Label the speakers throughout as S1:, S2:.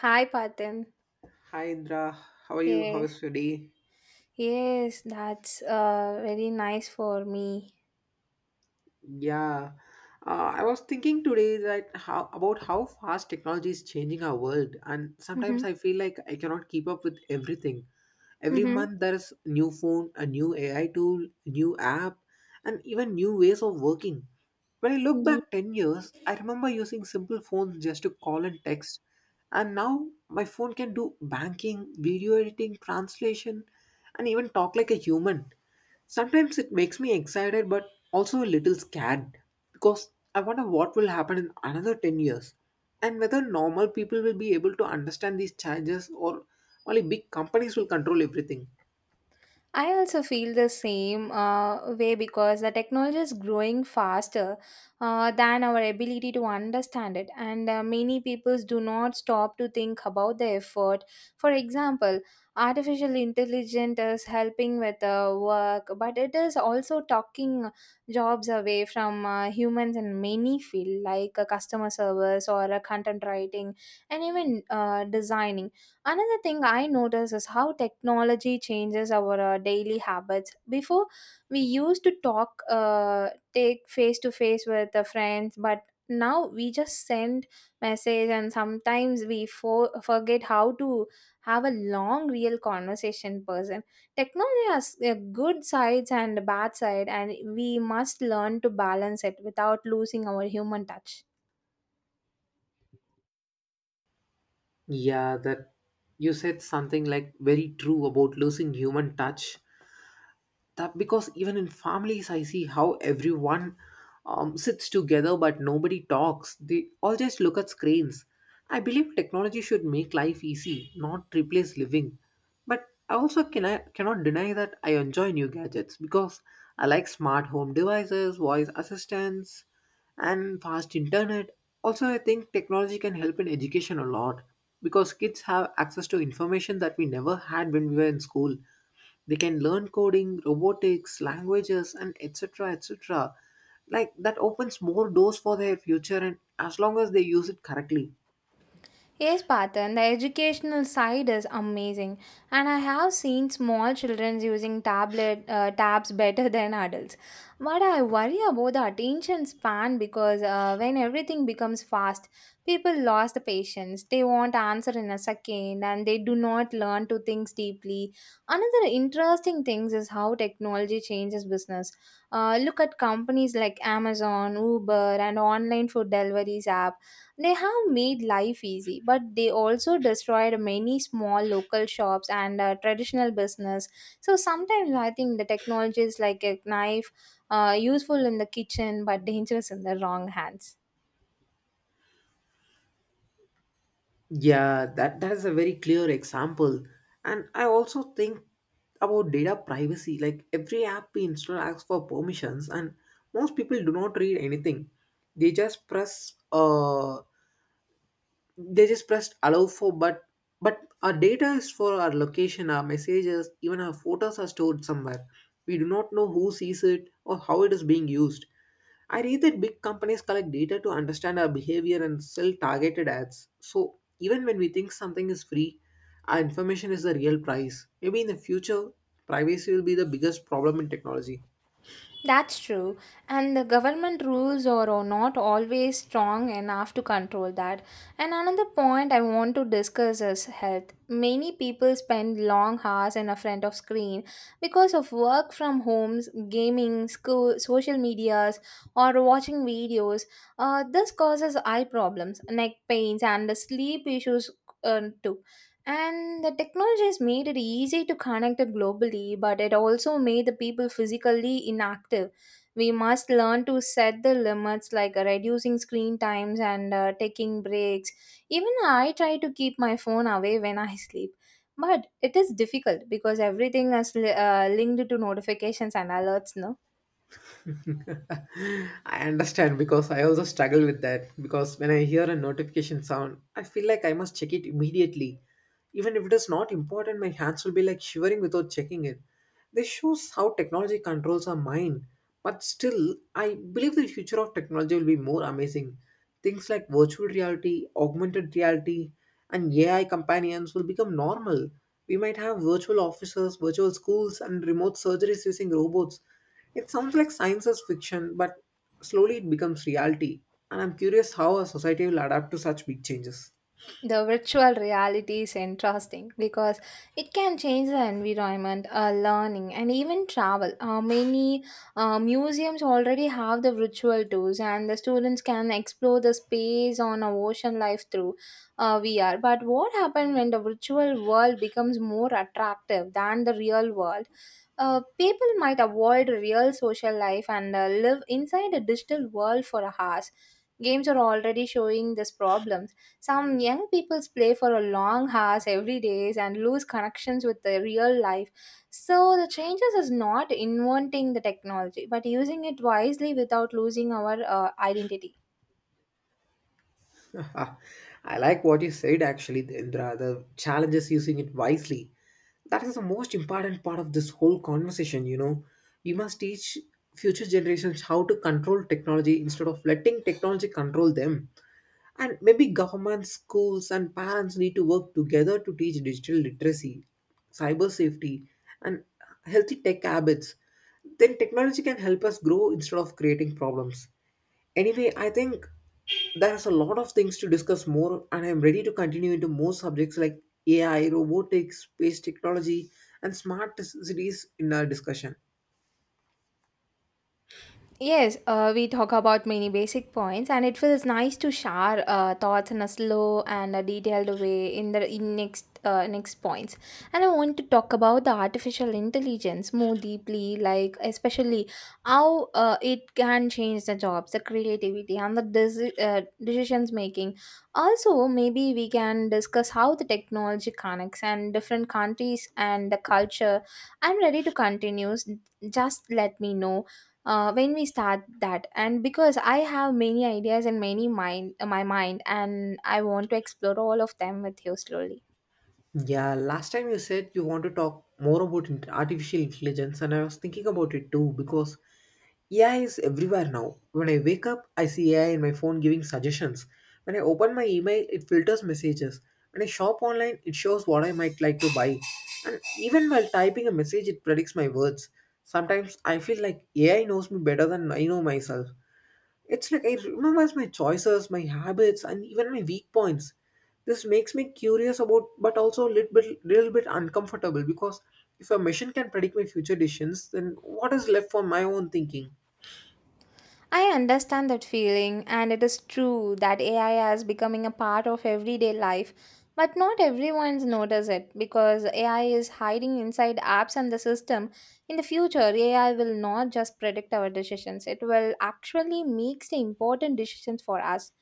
S1: Hi, Patim.
S2: Hi Indra, how are you? How
S1: Yes,
S2: is your day?
S1: yes, that's very nice for me.
S2: Yeah, I was thinking today that how about how fast technology is changing our world, and
S1: Mm-hmm.
S2: sometimes I feel like I cannot keep up with everything. Every
S1: Mm-hmm.
S2: month there is new phone, a new AI tool, new app, and even new ways of working. When I look back 10 years, I remember using simple phones just to call and text. And now my phone can do banking, video editing, translation, and even talk like a human. Sometimes it makes me excited but also a little scared because I wonder what will happen in another 10 years and whether normal people will be able to understand these changes or only big companies will control everything.
S1: I also feel the same way because the technology is growing faster than our ability to understand it, and many people do not stop to think about the effort. For example, artificial intelligence is helping with work, but it is also taking jobs away from humans in many fields, like customer service or content writing, and even designing. Another thing I notice is how technology changes our daily habits. Before, we used to talk, take face to face with the friends, but now we just send message, and sometimes forget how to have a long real conversation in person. Technology has a good sides and a bad side, and we must learn to balance it without losing our human touch.
S2: Yeah, that you said something like very true about losing human touch, that because even in families I see how everyone sits together but nobody talks, they all just look at screens. I believe technology should make life easy, not replace living. But I also cannot deny that I enjoy new gadgets because I like smart home devices, voice assistants, and fast internet. Also, I think technology can help in education a lot because kids have access to information that we never had when we were in school. They can learn coding, robotics, languages, and etc. etc. Like that opens more doors for their future, and as long as they use it correctly.
S1: Yes, Patan, the educational side is amazing, and I have seen small children using tablet tabs better than adults. But I worry about the attention span because when everything becomes fast, people lost the patience. They want answer in a second, and they do not learn to think deeply. Another interesting thing is how technology changes business. Look at companies like Amazon, Uber, and online food deliveries app. They have made life easy, but they also destroyed many small local shops and traditional business. So sometimes I think the technology is like a knife, useful in the kitchen but dangerous in the wrong hands.
S2: Yeah, that is a very clear example. And I also think about data privacy. Like every app we install asks for permissions, and most people do not read anything. They just press uh, they just pressed allow for but our data is, for our location, our messages, even our photos are stored somewhere. We do not know who sees it or how it is being used. I read that big companies collect data to understand our behavior and sell targeted ads, so even when we think something is free, our information is the real price. Maybe in the future, privacy will be the biggest problem in technology.
S1: That's true. And the government rules are not always strong enough to control that. And another point I want to discuss is health. Many people spend long hours in a front of screen because of work from homes, gaming, school, social medias, or watching videos. This causes eye problems, neck pains, and sleep issues too. And the technology has made it easy to connect it globally, but it also made the people physically inactive. We must learn to set the limits like reducing screen times and taking breaks. Even I try to keep my phone away when I sleep, but it is difficult because everything is linked to notifications and alerts. No?
S2: I understand because I also struggle with that. Because when I hear a notification sound, I feel like I must check it immediately. Even if it is not important, my hands will be like shivering without checking it. This shows how technology controls our mind. But still, I believe the future of technology will be more amazing. Things like virtual reality, augmented reality, and AI companions will become normal. We might have virtual offices, virtual schools, and remote surgeries using robots. It sounds like science is fiction, but slowly it becomes reality. And I'm curious how a society will adapt to such big changes.
S1: The virtual reality is interesting because it can change the environment, learning, and even travel. Many museums already have the virtual tours, and the students can explore the space on a ocean life through VR. But what happens when the virtual world becomes more attractive than the real world? People might avoid real social life and live inside a digital world for hours. Games are already showing this problem. Some young people play for a long hours every day and lose connections with the real life. So the changes is not inventing the technology, but using it wisely without losing our identity.
S2: I like what you said actually, Indra, the challenge is using it wisely. That is the most important part of this whole conversation, you know. We must teach future generations how to control technology instead of letting technology control them. And maybe government, schools, and parents need to work together to teach digital literacy, cyber safety, and healthy tech habits. Then technology can help us grow instead of creating problems. Anyway, I think there's a lot of things to discuss more, and I'm ready to continue into more subjects like AI, robotics, space technology, and smart cities in our discussion.
S1: Yes, we talk about many basic points, and it feels nice to share thoughts in a slow and a detailed way in the in next next points. And I want to talk about the artificial intelligence more deeply, like especially how it can change the jobs, the creativity, and the decisions making. Also, maybe we can discuss how the technology connects and different countries and the culture. I'm ready to continue. Just let me know when we start that, and because I have many ideas and many mind my mind, and I want to explore all of them with you slowly.
S2: Yeah, last time you said you want to talk more about artificial intelligence, and I was thinking about it too because AI is everywhere now. When I wake up, I see AI in my phone giving suggestions. When I open my email, it filters messages. When I shop online, it shows what I might like to buy. And even while typing a message, it predicts my words. Sometimes I feel like AI knows me better than I know myself. It's like it remembers my choices, my habits, and even my weak points. This makes me curious about, but also a little bit uncomfortable because if a machine can predict my future decisions, then what is left for my own thinking?
S1: I understand that feeling, and it is true that AI is becoming a part of everyday life, but not everyone's notice it because AI is hiding inside apps and the system. In the future, AI will not just predict our decisions; it will actually make the important decisions for us.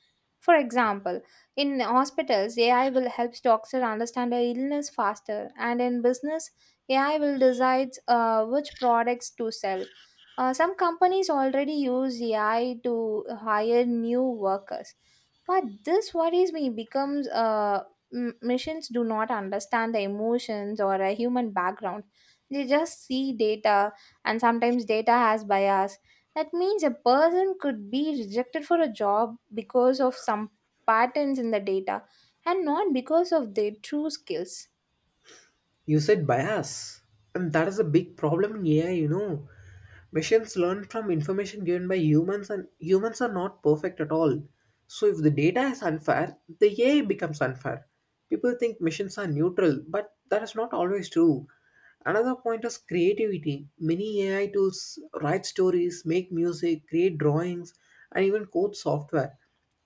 S1: For example, in hospitals, AI will help doctors understand a illness faster, and in business, AI will decide which products to sell. Some companies already use AI to hire new workers. But this worries me becomes machines do not understand the emotions or a human background. They just see data, and sometimes data has bias. That means a person could be rejected for a job because of some patterns in the data and not because of their true skills.
S2: You said bias, and that is a big problem in AI, you know. Machines learn from information given by humans, and humans are not perfect at all. So, if the data is unfair, the AI becomes unfair. People think machines are neutral, but that is not always true. Another point is creativity. Many AI tools write stories, make music, create drawings, and even code software.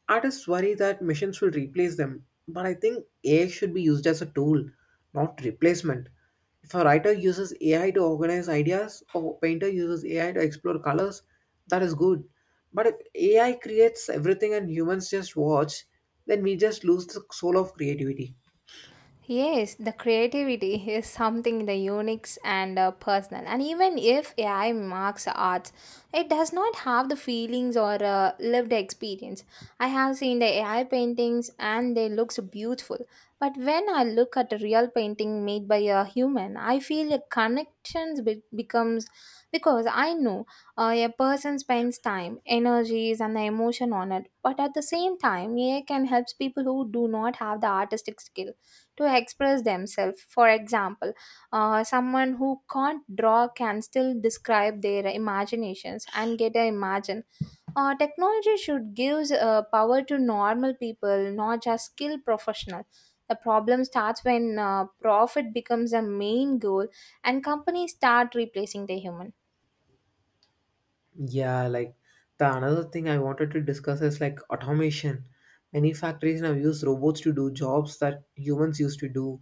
S2: Artists worry that machines will replace them, but I think AI should be used as a tool, not replacement. If a writer uses AI to organize ideas or painter uses AI to explore colors, that is good. But if AI creates everything and humans just watch, then we just lose the soul of creativity.
S1: Yes, the creativity is something the unique and personal. And even if AI marks art, it does not have the feelings or lived experience. I have seen the AI paintings and they look beautiful. But when I look at a real painting made by a human, I feel a connection becomes because I know a person spends time, energies, and the emotion on it. But at the same time, AI can help people who do not have the artistic skill to express themselves. For example, someone who can't draw can still describe their imaginations and get a imagine. Technology should give power to normal people, not just skilled professional. The problem starts when profit becomes a main goal, and companies start replacing the human.
S2: Yeah, like the another thing I wanted to discuss is like automation. Many factories now use robots to do jobs that humans used to do.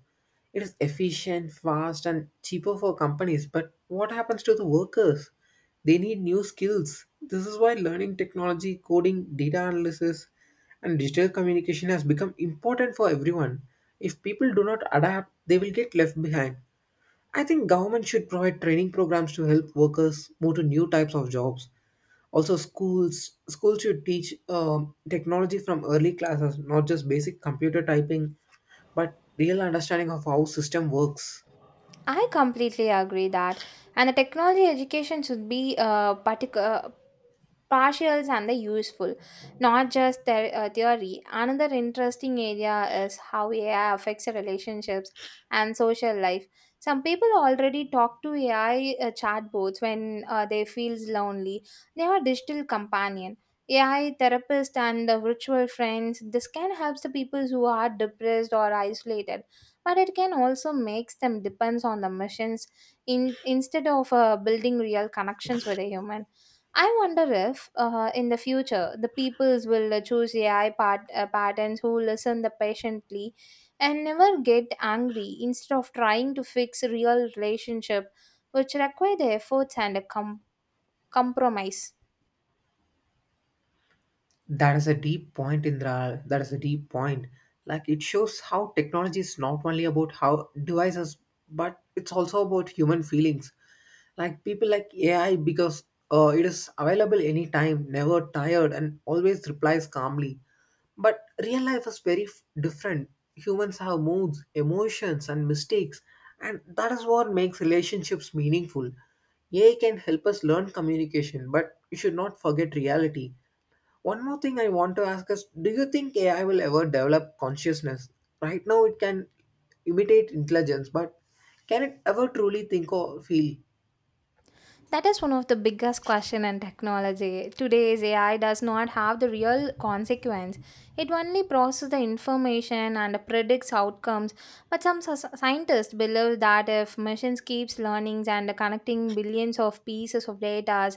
S2: It is efficient, fast, and cheaper for companies, but what happens to the workers? They need new skills. This is why learning technology, coding, data analysis, and digital communication has become important for everyone. If people do not adapt, they will get left behind. I think government should provide training programs to help workers move to new types of jobs. Also, schools should teach technology from early classes, not just basic computer typing, but real understanding of how system works.
S1: I completely agree that, and the technology education should be particular partials and the useful, not just the, theory. Another interesting area is how ai affects relationships and social life. Some people already talk to ai chatbots when they feels lonely. They are digital companion, ai therapist, and the virtual friends. This can help the people who are depressed or isolated, but it can also makes them depends on the machines, instead of building real connections with a human. I wonder if, in the future, the peoples will choose AI patterns who listen the patiently and never get angry instead of trying to fix real relationship, which require the efforts and a compromise.
S2: That is a deep point, Indra. That is a deep point. Like it shows how technology is not only about how devices, but it's also about human feelings. Like people like AI because it is available anytime, never tired, and always replies calmly. But real life is very different. Humans have moods, emotions, and mistakes, and that is what makes relationships meaningful. AI can help us learn communication, but you should not forget reality. One more thing I want to ask is, do you think AI will ever develop consciousness? Right now, it can imitate intelligence, but can it ever truly think or feel?
S1: That is one of the biggest question in technology. Today's AI does not have the real consequence. It only processes the information and predicts outcomes. But some scientists believe that if machines keeps learning and connecting billions of pieces of data,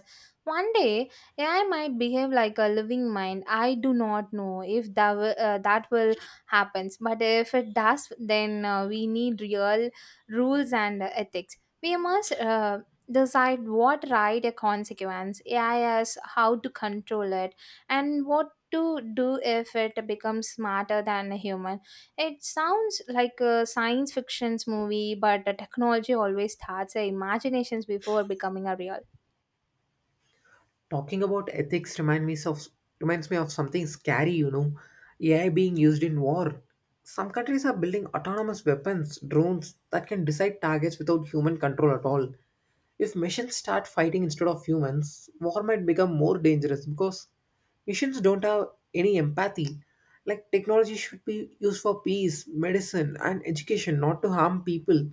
S1: one day AI might behave like a living mind. I do not know if that will happens. But if it does, then we need real rules and ethics. We must decide what right a consequence AI is, how to control it, and what to do if it becomes smarter than a human. It sounds like a science fiction's movie, but the technology always starts our imaginations before becoming a real.
S2: Talking about ethics reminds me of something scary, you know. AI being used in war. Some countries are building autonomous weapons, drones that can decide targets without human control at all. If machines start fighting instead of humans, war might become more dangerous because machines don't have any empathy. Like technology should be used for peace, medicine, and education, not to harm people.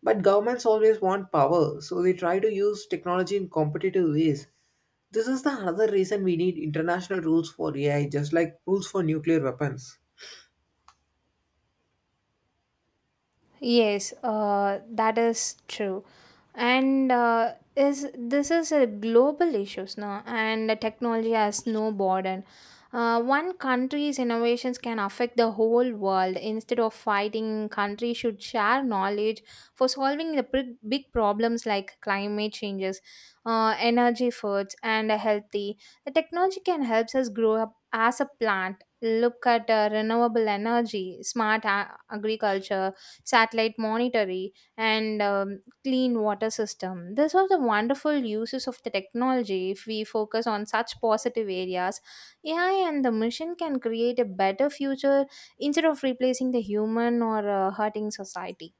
S2: But governments always want power, so they try to use technology in competitive ways. This is the another reason we need international rules for AI, just like rules for nuclear weapons.
S1: Yes, that is true. And is this is a global issues now, and the technology has no border. One country's innovations can affect the whole world. Instead of fighting, countries should share knowledge for solving the big, big problems like climate changes, energy efforts, and a healthy. The technology can help us grow up as a plant. Look at renewable energy, smart agriculture, satellite monitoring, and clean water system. These are the wonderful uses of the technology if we focus on such positive areas. AI and the mission can create a better future instead of replacing the human or hurting society.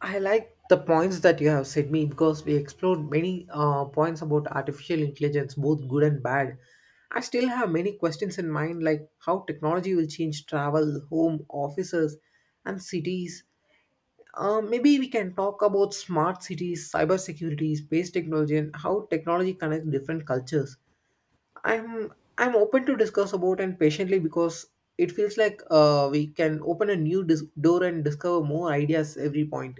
S2: I like the points that you have said me because we explored many points about artificial intelligence, both good and bad. I still have many questions in mind, like how technology will change travel, home, offices, and cities. Maybe we can talk about smart cities, cybersecurity, space technology, and how technology connects different cultures. I'm I'm open to discuss about and patiently because it feels like we can open a new door and discover more ideas every point.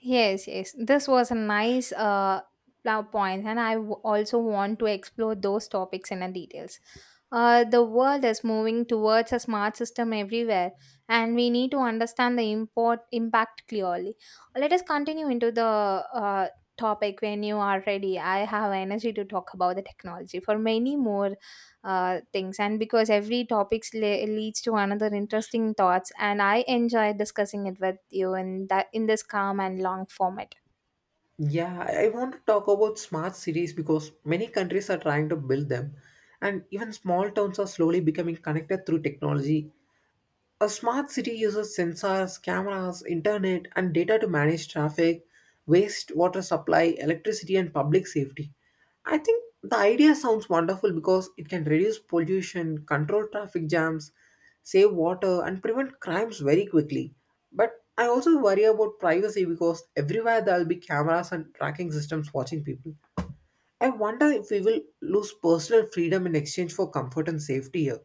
S1: Yes, yes. This was a nice point, and I also want to explore those topics in a details. The world is moving towards a smart system everywhere, and we need to understand the import impact clearly. Let us continue into the topic when you are ready. I have energy to talk about the technology for many more things, and because every topics leads to another interesting thoughts, and I enjoy discussing it with you in that in this calm and long format.
S2: Yeah, I want to talk about smart cities because many countries are trying to build them, and even small towns are slowly becoming connected through technology. A smart city uses sensors, cameras, internet, and data to manage traffic, waste, water supply, electricity, and public safety. I think the idea sounds wonderful because it can reduce pollution, control traffic jams, save water, and prevent crimes very quickly. But I also worry about privacy because everywhere there will be cameras and tracking systems watching people. I wonder if we will lose personal freedom in exchange for comfort and safety here.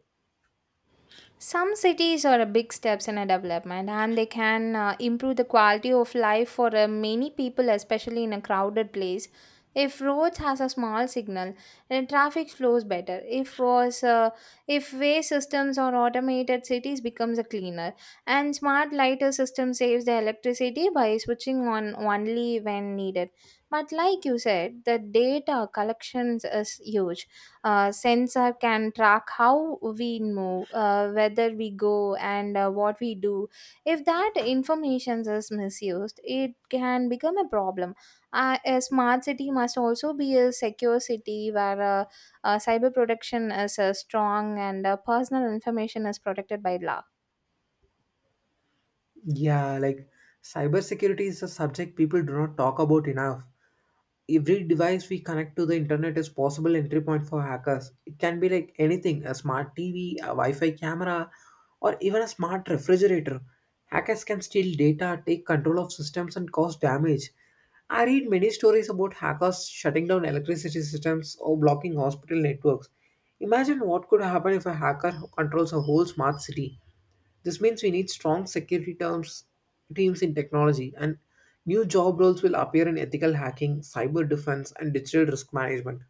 S1: Some cities are a big steps in a development, and they can improve the quality of life for many people, especially in a crowded place. If roads has a small signal and traffic flows better, if way systems or automated cities becomes a cleaner, and smart lighter system saves the electricity by switching on only when needed. But like you said, the data collections is huge. Sensor can track how we move, whether we go, and what we do. If that information is misused, it can become a problem. A smart city must also be a secure city where cyber protection is strong, and personal information is protected by law.
S2: Yeah, like cybersecurity is a subject people do not talk about enough. Every device we connect to the internet is possible entry point for hackers. It can be like anything, a smart TV, a Wi-Fi camera, or even a smart refrigerator. Hackers can steal data, take control of systems and cause damage. I read many stories about hackers shutting down electricity systems or blocking hospital networks. Imagine what could happen if a hacker controls a whole smart city. This means we need strong security terms, teams in technology, and new job roles will appear in ethical hacking, cyber defense, and digital risk management.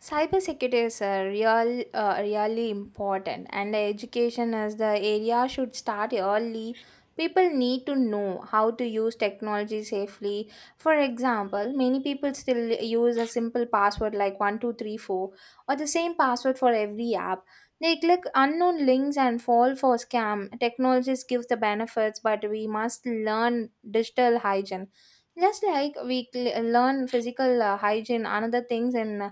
S1: Cybersecurity is a real, really important, and the education as the area should start early. People need to know how to use technology safely. For example, many people still use a simple password like 1234, or the same password for every app. They click unknown links and fall for scam. Technologies gives the benefits, but we must learn digital hygiene. Just like learn physical hygiene, another things in uh,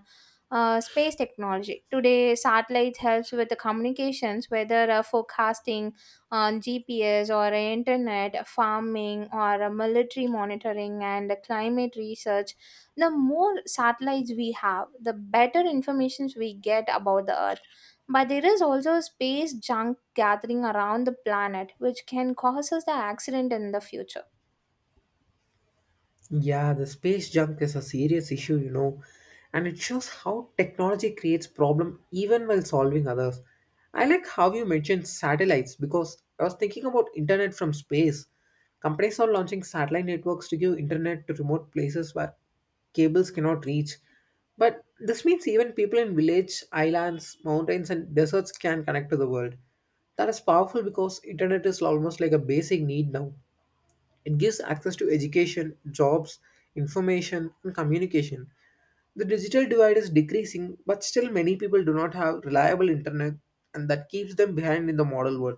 S1: uh, space technology. Today, satellites helps with the communications, whether forecasting on GPS or internet, farming or military monitoring and climate research. The more satellites we have, the better information we get about the Earth. But there is also space junk gathering around the planet, which can cause us the accident in the future.
S2: Yeah, the space junk is a serious issue, you know, and it shows how technology creates problem even while solving others. I like how you mentioned satellites because I was thinking about internet from space. Companies are launching satellite networks to give internet to remote places where cables cannot reach. But this means even people in village, islands, mountains and deserts can connect to the world. That is powerful because internet is almost like a basic need now. It gives access to education, jobs, information, and communication. The digital divide is decreasing, but still many people do not have reliable internet, and that keeps them behind in the modern world.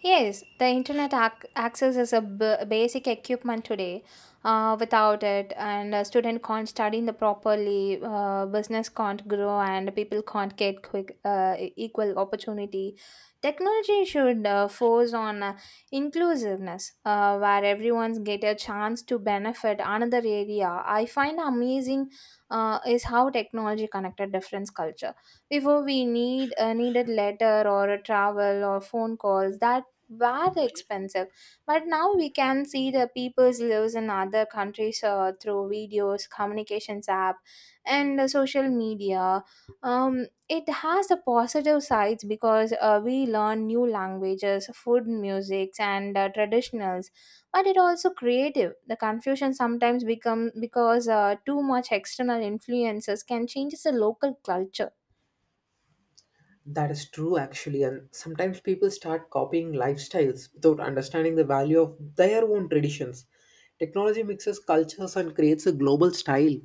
S1: Yes, the access is a basic equipment today. Without it, and a student can't study in the properly, business can't grow, and people can't get quick equal opportunity. Technology should force on inclusiveness, where everyone's get a chance to benefit another area. I find amazing is how technology connected different culture before we needed letter or a travel or phone calls that were expensive, but now we can see the people's lives in other countries through videos communications app and social media. It has the positive sides because we learn new languages, food, musics, and traditionals, but it also creative the confusion sometimes become because too much external influences can change the local culture.
S2: That is true, actually, and sometimes people start copying lifestyles without understanding the value of their own traditions. Technology mixes cultures and creates a global style.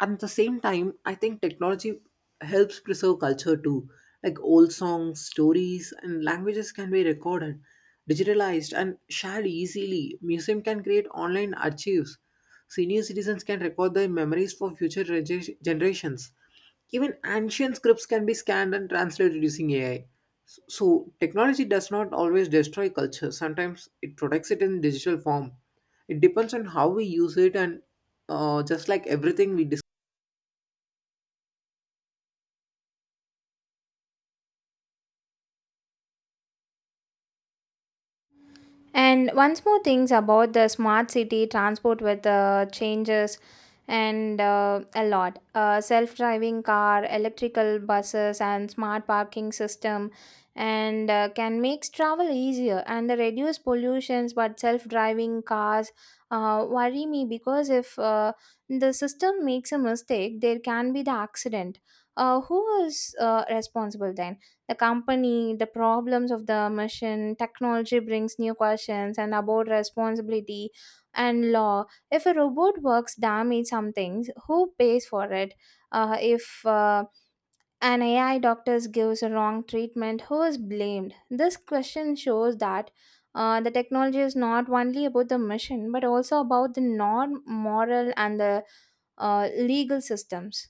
S2: At the same time, I think technology helps preserve culture too. Like old songs, stories and languages can be recorded, digitalized and shared easily. Museum can create online archives, senior citizens can record their memories for future generations. Even ancient scripts can be scanned and translated using ai, so technology does not always destroy culture. Sometimes it protects it in digital form. It depends on how we use it and just like everything we.
S1: And once more things about the smart city transport with the changes and a lot. Self-driving car, electrical buses, and smart parking system, and can make travel easier and the reduce pollutions. But self-driving cars worry me because if the system makes a mistake, there can be the accident. Who is responsible then? The company, the problems of the machine, technology brings new questions and about responsibility and law. If a robot works damage something, who pays for it? If an AI doctor gives a wrong treatment, who is blamed? This question shows that the technology is not only about the machine, but also about the norm, moral, and the legal systems.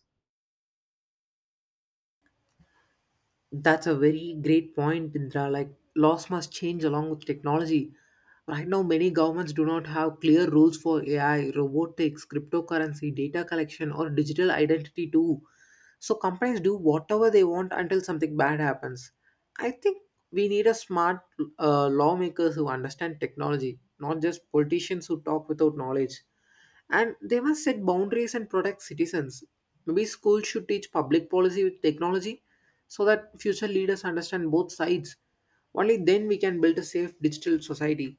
S2: That's a very great point, Indra. Like laws must change along with technology. Right now, many governments do not have clear rules for AI, robotics, cryptocurrency, data collection, or digital identity too. So companies do whatever they want until something bad happens. I think we need a smart lawmakers who understand technology, not just politicians who talk without knowledge, and they must set boundaries and protect citizens. Maybe schools should teach public policy with technology so that future leaders understand both sides. Only then we can build a safe digital society.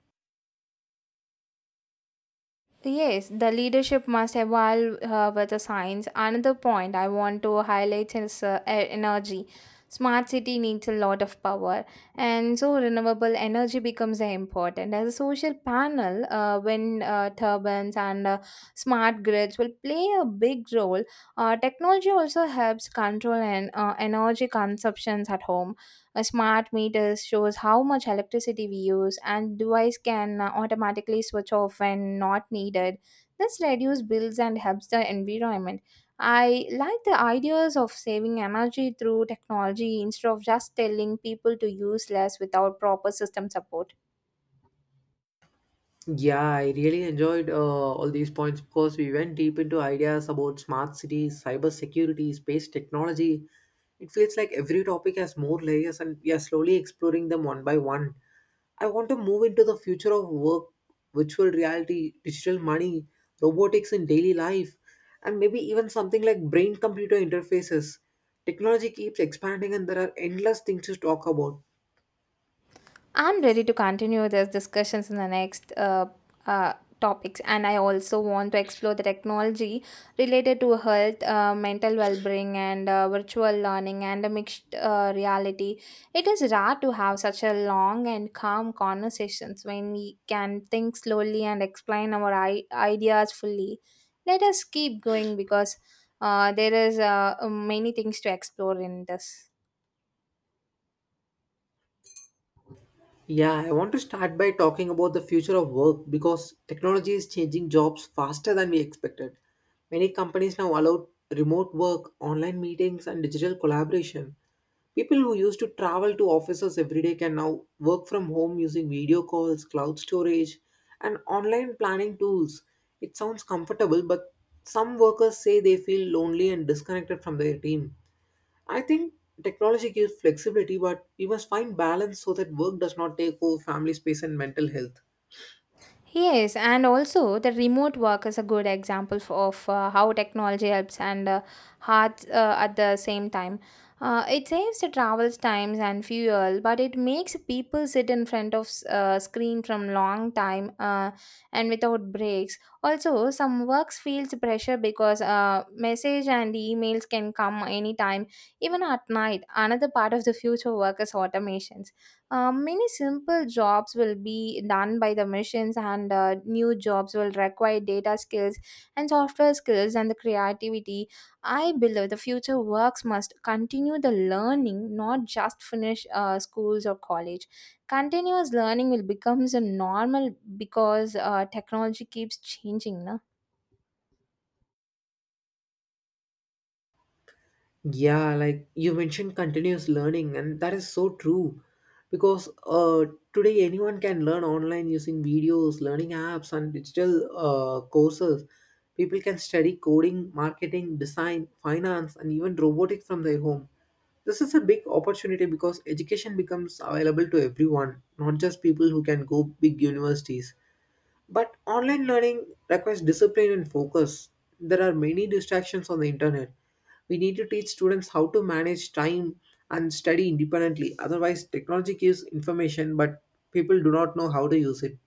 S1: Yes, the leadership must evolve with the science. Another point I want to highlight is energy. Smart city needs a lot of power, and so renewable energy becomes important. As a social panel, wind turbines, and smart grids will play a big role. Technology also helps control and energy consumptions at home. A smart meter shows how much electricity we use, and device can automatically switch off when not needed. This reduces bills and helps the environment. I like the ideas of saving energy through technology instead of just telling people to use less without proper system support.
S2: Yeah, I really enjoyed all these points because we went deep into ideas about smart cities, cyber security, space technology. It feels like every topic has more layers, and we are slowly exploring them one by one. I want to move into the future of work, virtual reality, digital money, robotics in daily life, and maybe even something like brain computer interfaces. Technology keeps expanding and there are endless things to talk about.
S1: I'm ready to continue these discussions in the next uh, topics, and I also want to explore the technology related to health, mental well-being, and virtual learning and a mixed reality. It is rare to have such a long and calm conversations when we can think slowly and explain our ideas fully. Let us keep going because there is many things to explore in this.
S2: Yeah, I want to start by talking about the future of work because technology is changing jobs faster than we expected. Many companies now allow remote work, online meetings, and digital collaboration. People who used to travel to offices every day can now work from home using video calls, cloud storage, and online planning tools. It sounds comfortable, but some workers say they feel lonely and disconnected from their team. I think technology gives flexibility, but we must find balance so that work does not take over family space and mental health.
S1: Yes, and also the remote work is a good example of how technology helps and hard at the same time. It saves the travel times and fuel, but it makes people sit in front of screen from long time and without breaks. Also, some works feels pressure because message and emails can come anytime, even at night. Another part of the future work is automations. Many simple jobs will be done by the machines, and new jobs will require data skills and software skills and the creativity. I believe the future works must continue the learning, not just finish schools or college. Continuous learning will becomes a normal because technology keeps changing, na?
S2: Yeah, like you mentioned continuous learning, and that is so true because today anyone can learn online using videos, learning apps, and digital courses. People can study coding, marketing, design, finance, and even robotics from their home. This is a big opportunity because education becomes available to everyone, not just people who can go big universities. But online learning requires discipline and focus. There are many distractions on the internet. We need to teach students how to manage time and study independently. Otherwise, technology gives information, but people do not know how to use it.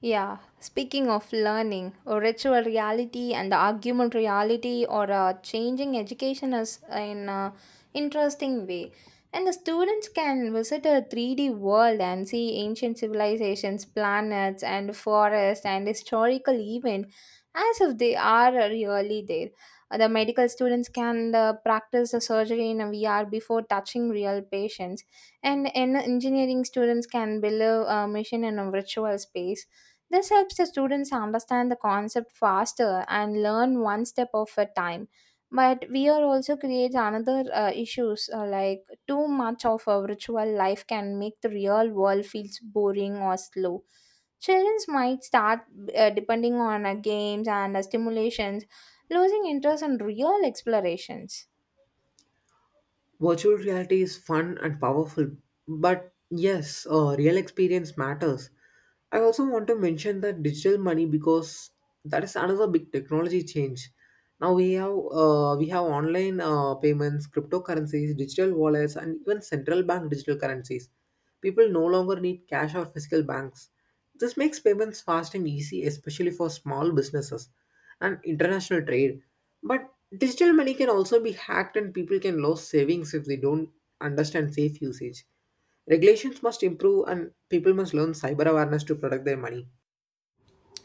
S1: Yeah, speaking of learning, or ritual reality and the argument reality or changing education is in an interesting way. And the students can visit a 3D world and see ancient civilizations, planets, and forest and historical event as if they are really there. The medical students can practice the surgery in a VR before touching real patients, and engineering students can build a mission in a virtual space. This helps the students understand the concept faster and learn one step of a time. But VR also creates another issues like too much of a virtual life can make the real world feels boring or slow. Children might start depending on games and stimulations, losing interest in real explorations.
S2: Virtual reality is fun and powerful, but yes, real experience matters. I also want to mention that digital money because that is another big technology change. Now we have online payments, cryptocurrencies, digital wallets, and even central bank digital currencies. People no longer need cash or physical banks. This makes payments fast and easy, especially for small businesses and international trade. But digital money can also be hacked, and people can lose savings if they don't understand safe usage. Regulations must improve, and people must learn cyber awareness to protect their money.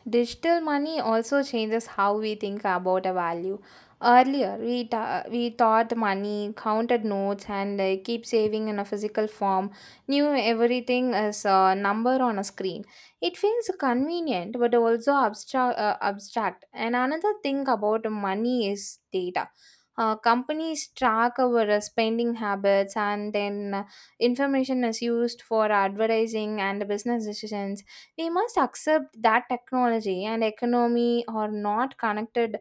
S1: Digital money also changes how we think about a value. Earlier, we thought money, counted notes, and keep saving in a physical form, knew everything as a number on a screen. It feels convenient but also abstract. Abstract. And another thing about money is data. Companies track our spending habits, and then information is used for advertising and business decisions. We must accept that technology and economy are not connected.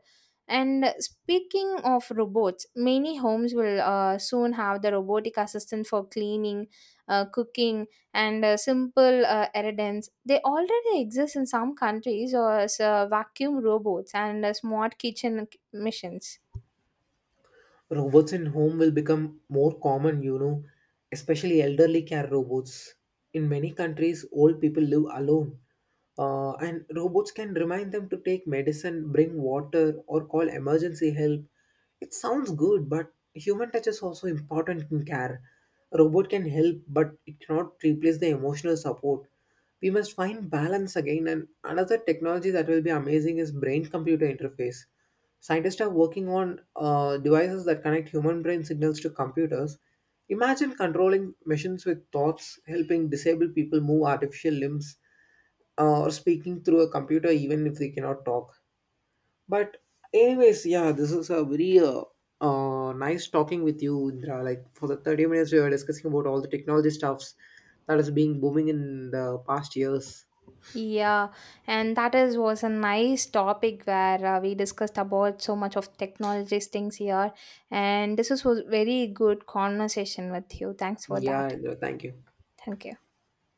S1: And speaking of robots, many homes will soon have the robotic assistant for cleaning, cooking, and simple errands. They already exist in some countries, or as, vacuum robots and smart kitchen machines.
S2: Robots in home will become more common, you know, especially elderly care robots. In many countries old people live alone, and robots can remind them to take medicine, bring water or call emergency help. It sounds good, but human touch is also important in care. A robot can help, but it cannot replace the emotional support. We must find balance again, and another technology that will be amazing is brain computer interface. Scientists are working on devices that connect human brain signals to computers. Imagine controlling machines with thoughts, helping disabled people move artificial limbs, or speaking through a computer even if they cannot talk. But, anyways, yeah, this is a very nice talking with you, Indra. Like for the 30 minutes, we were discussing about all the technology stuffs that is being booming in the past years.
S1: Yeah, and that is was a nice topic where we discussed about so much of technologies things here, and this was very good conversation with you. Thanks for
S2: Yeah,
S1: that.
S2: Indra, thank you.
S1: Thank you.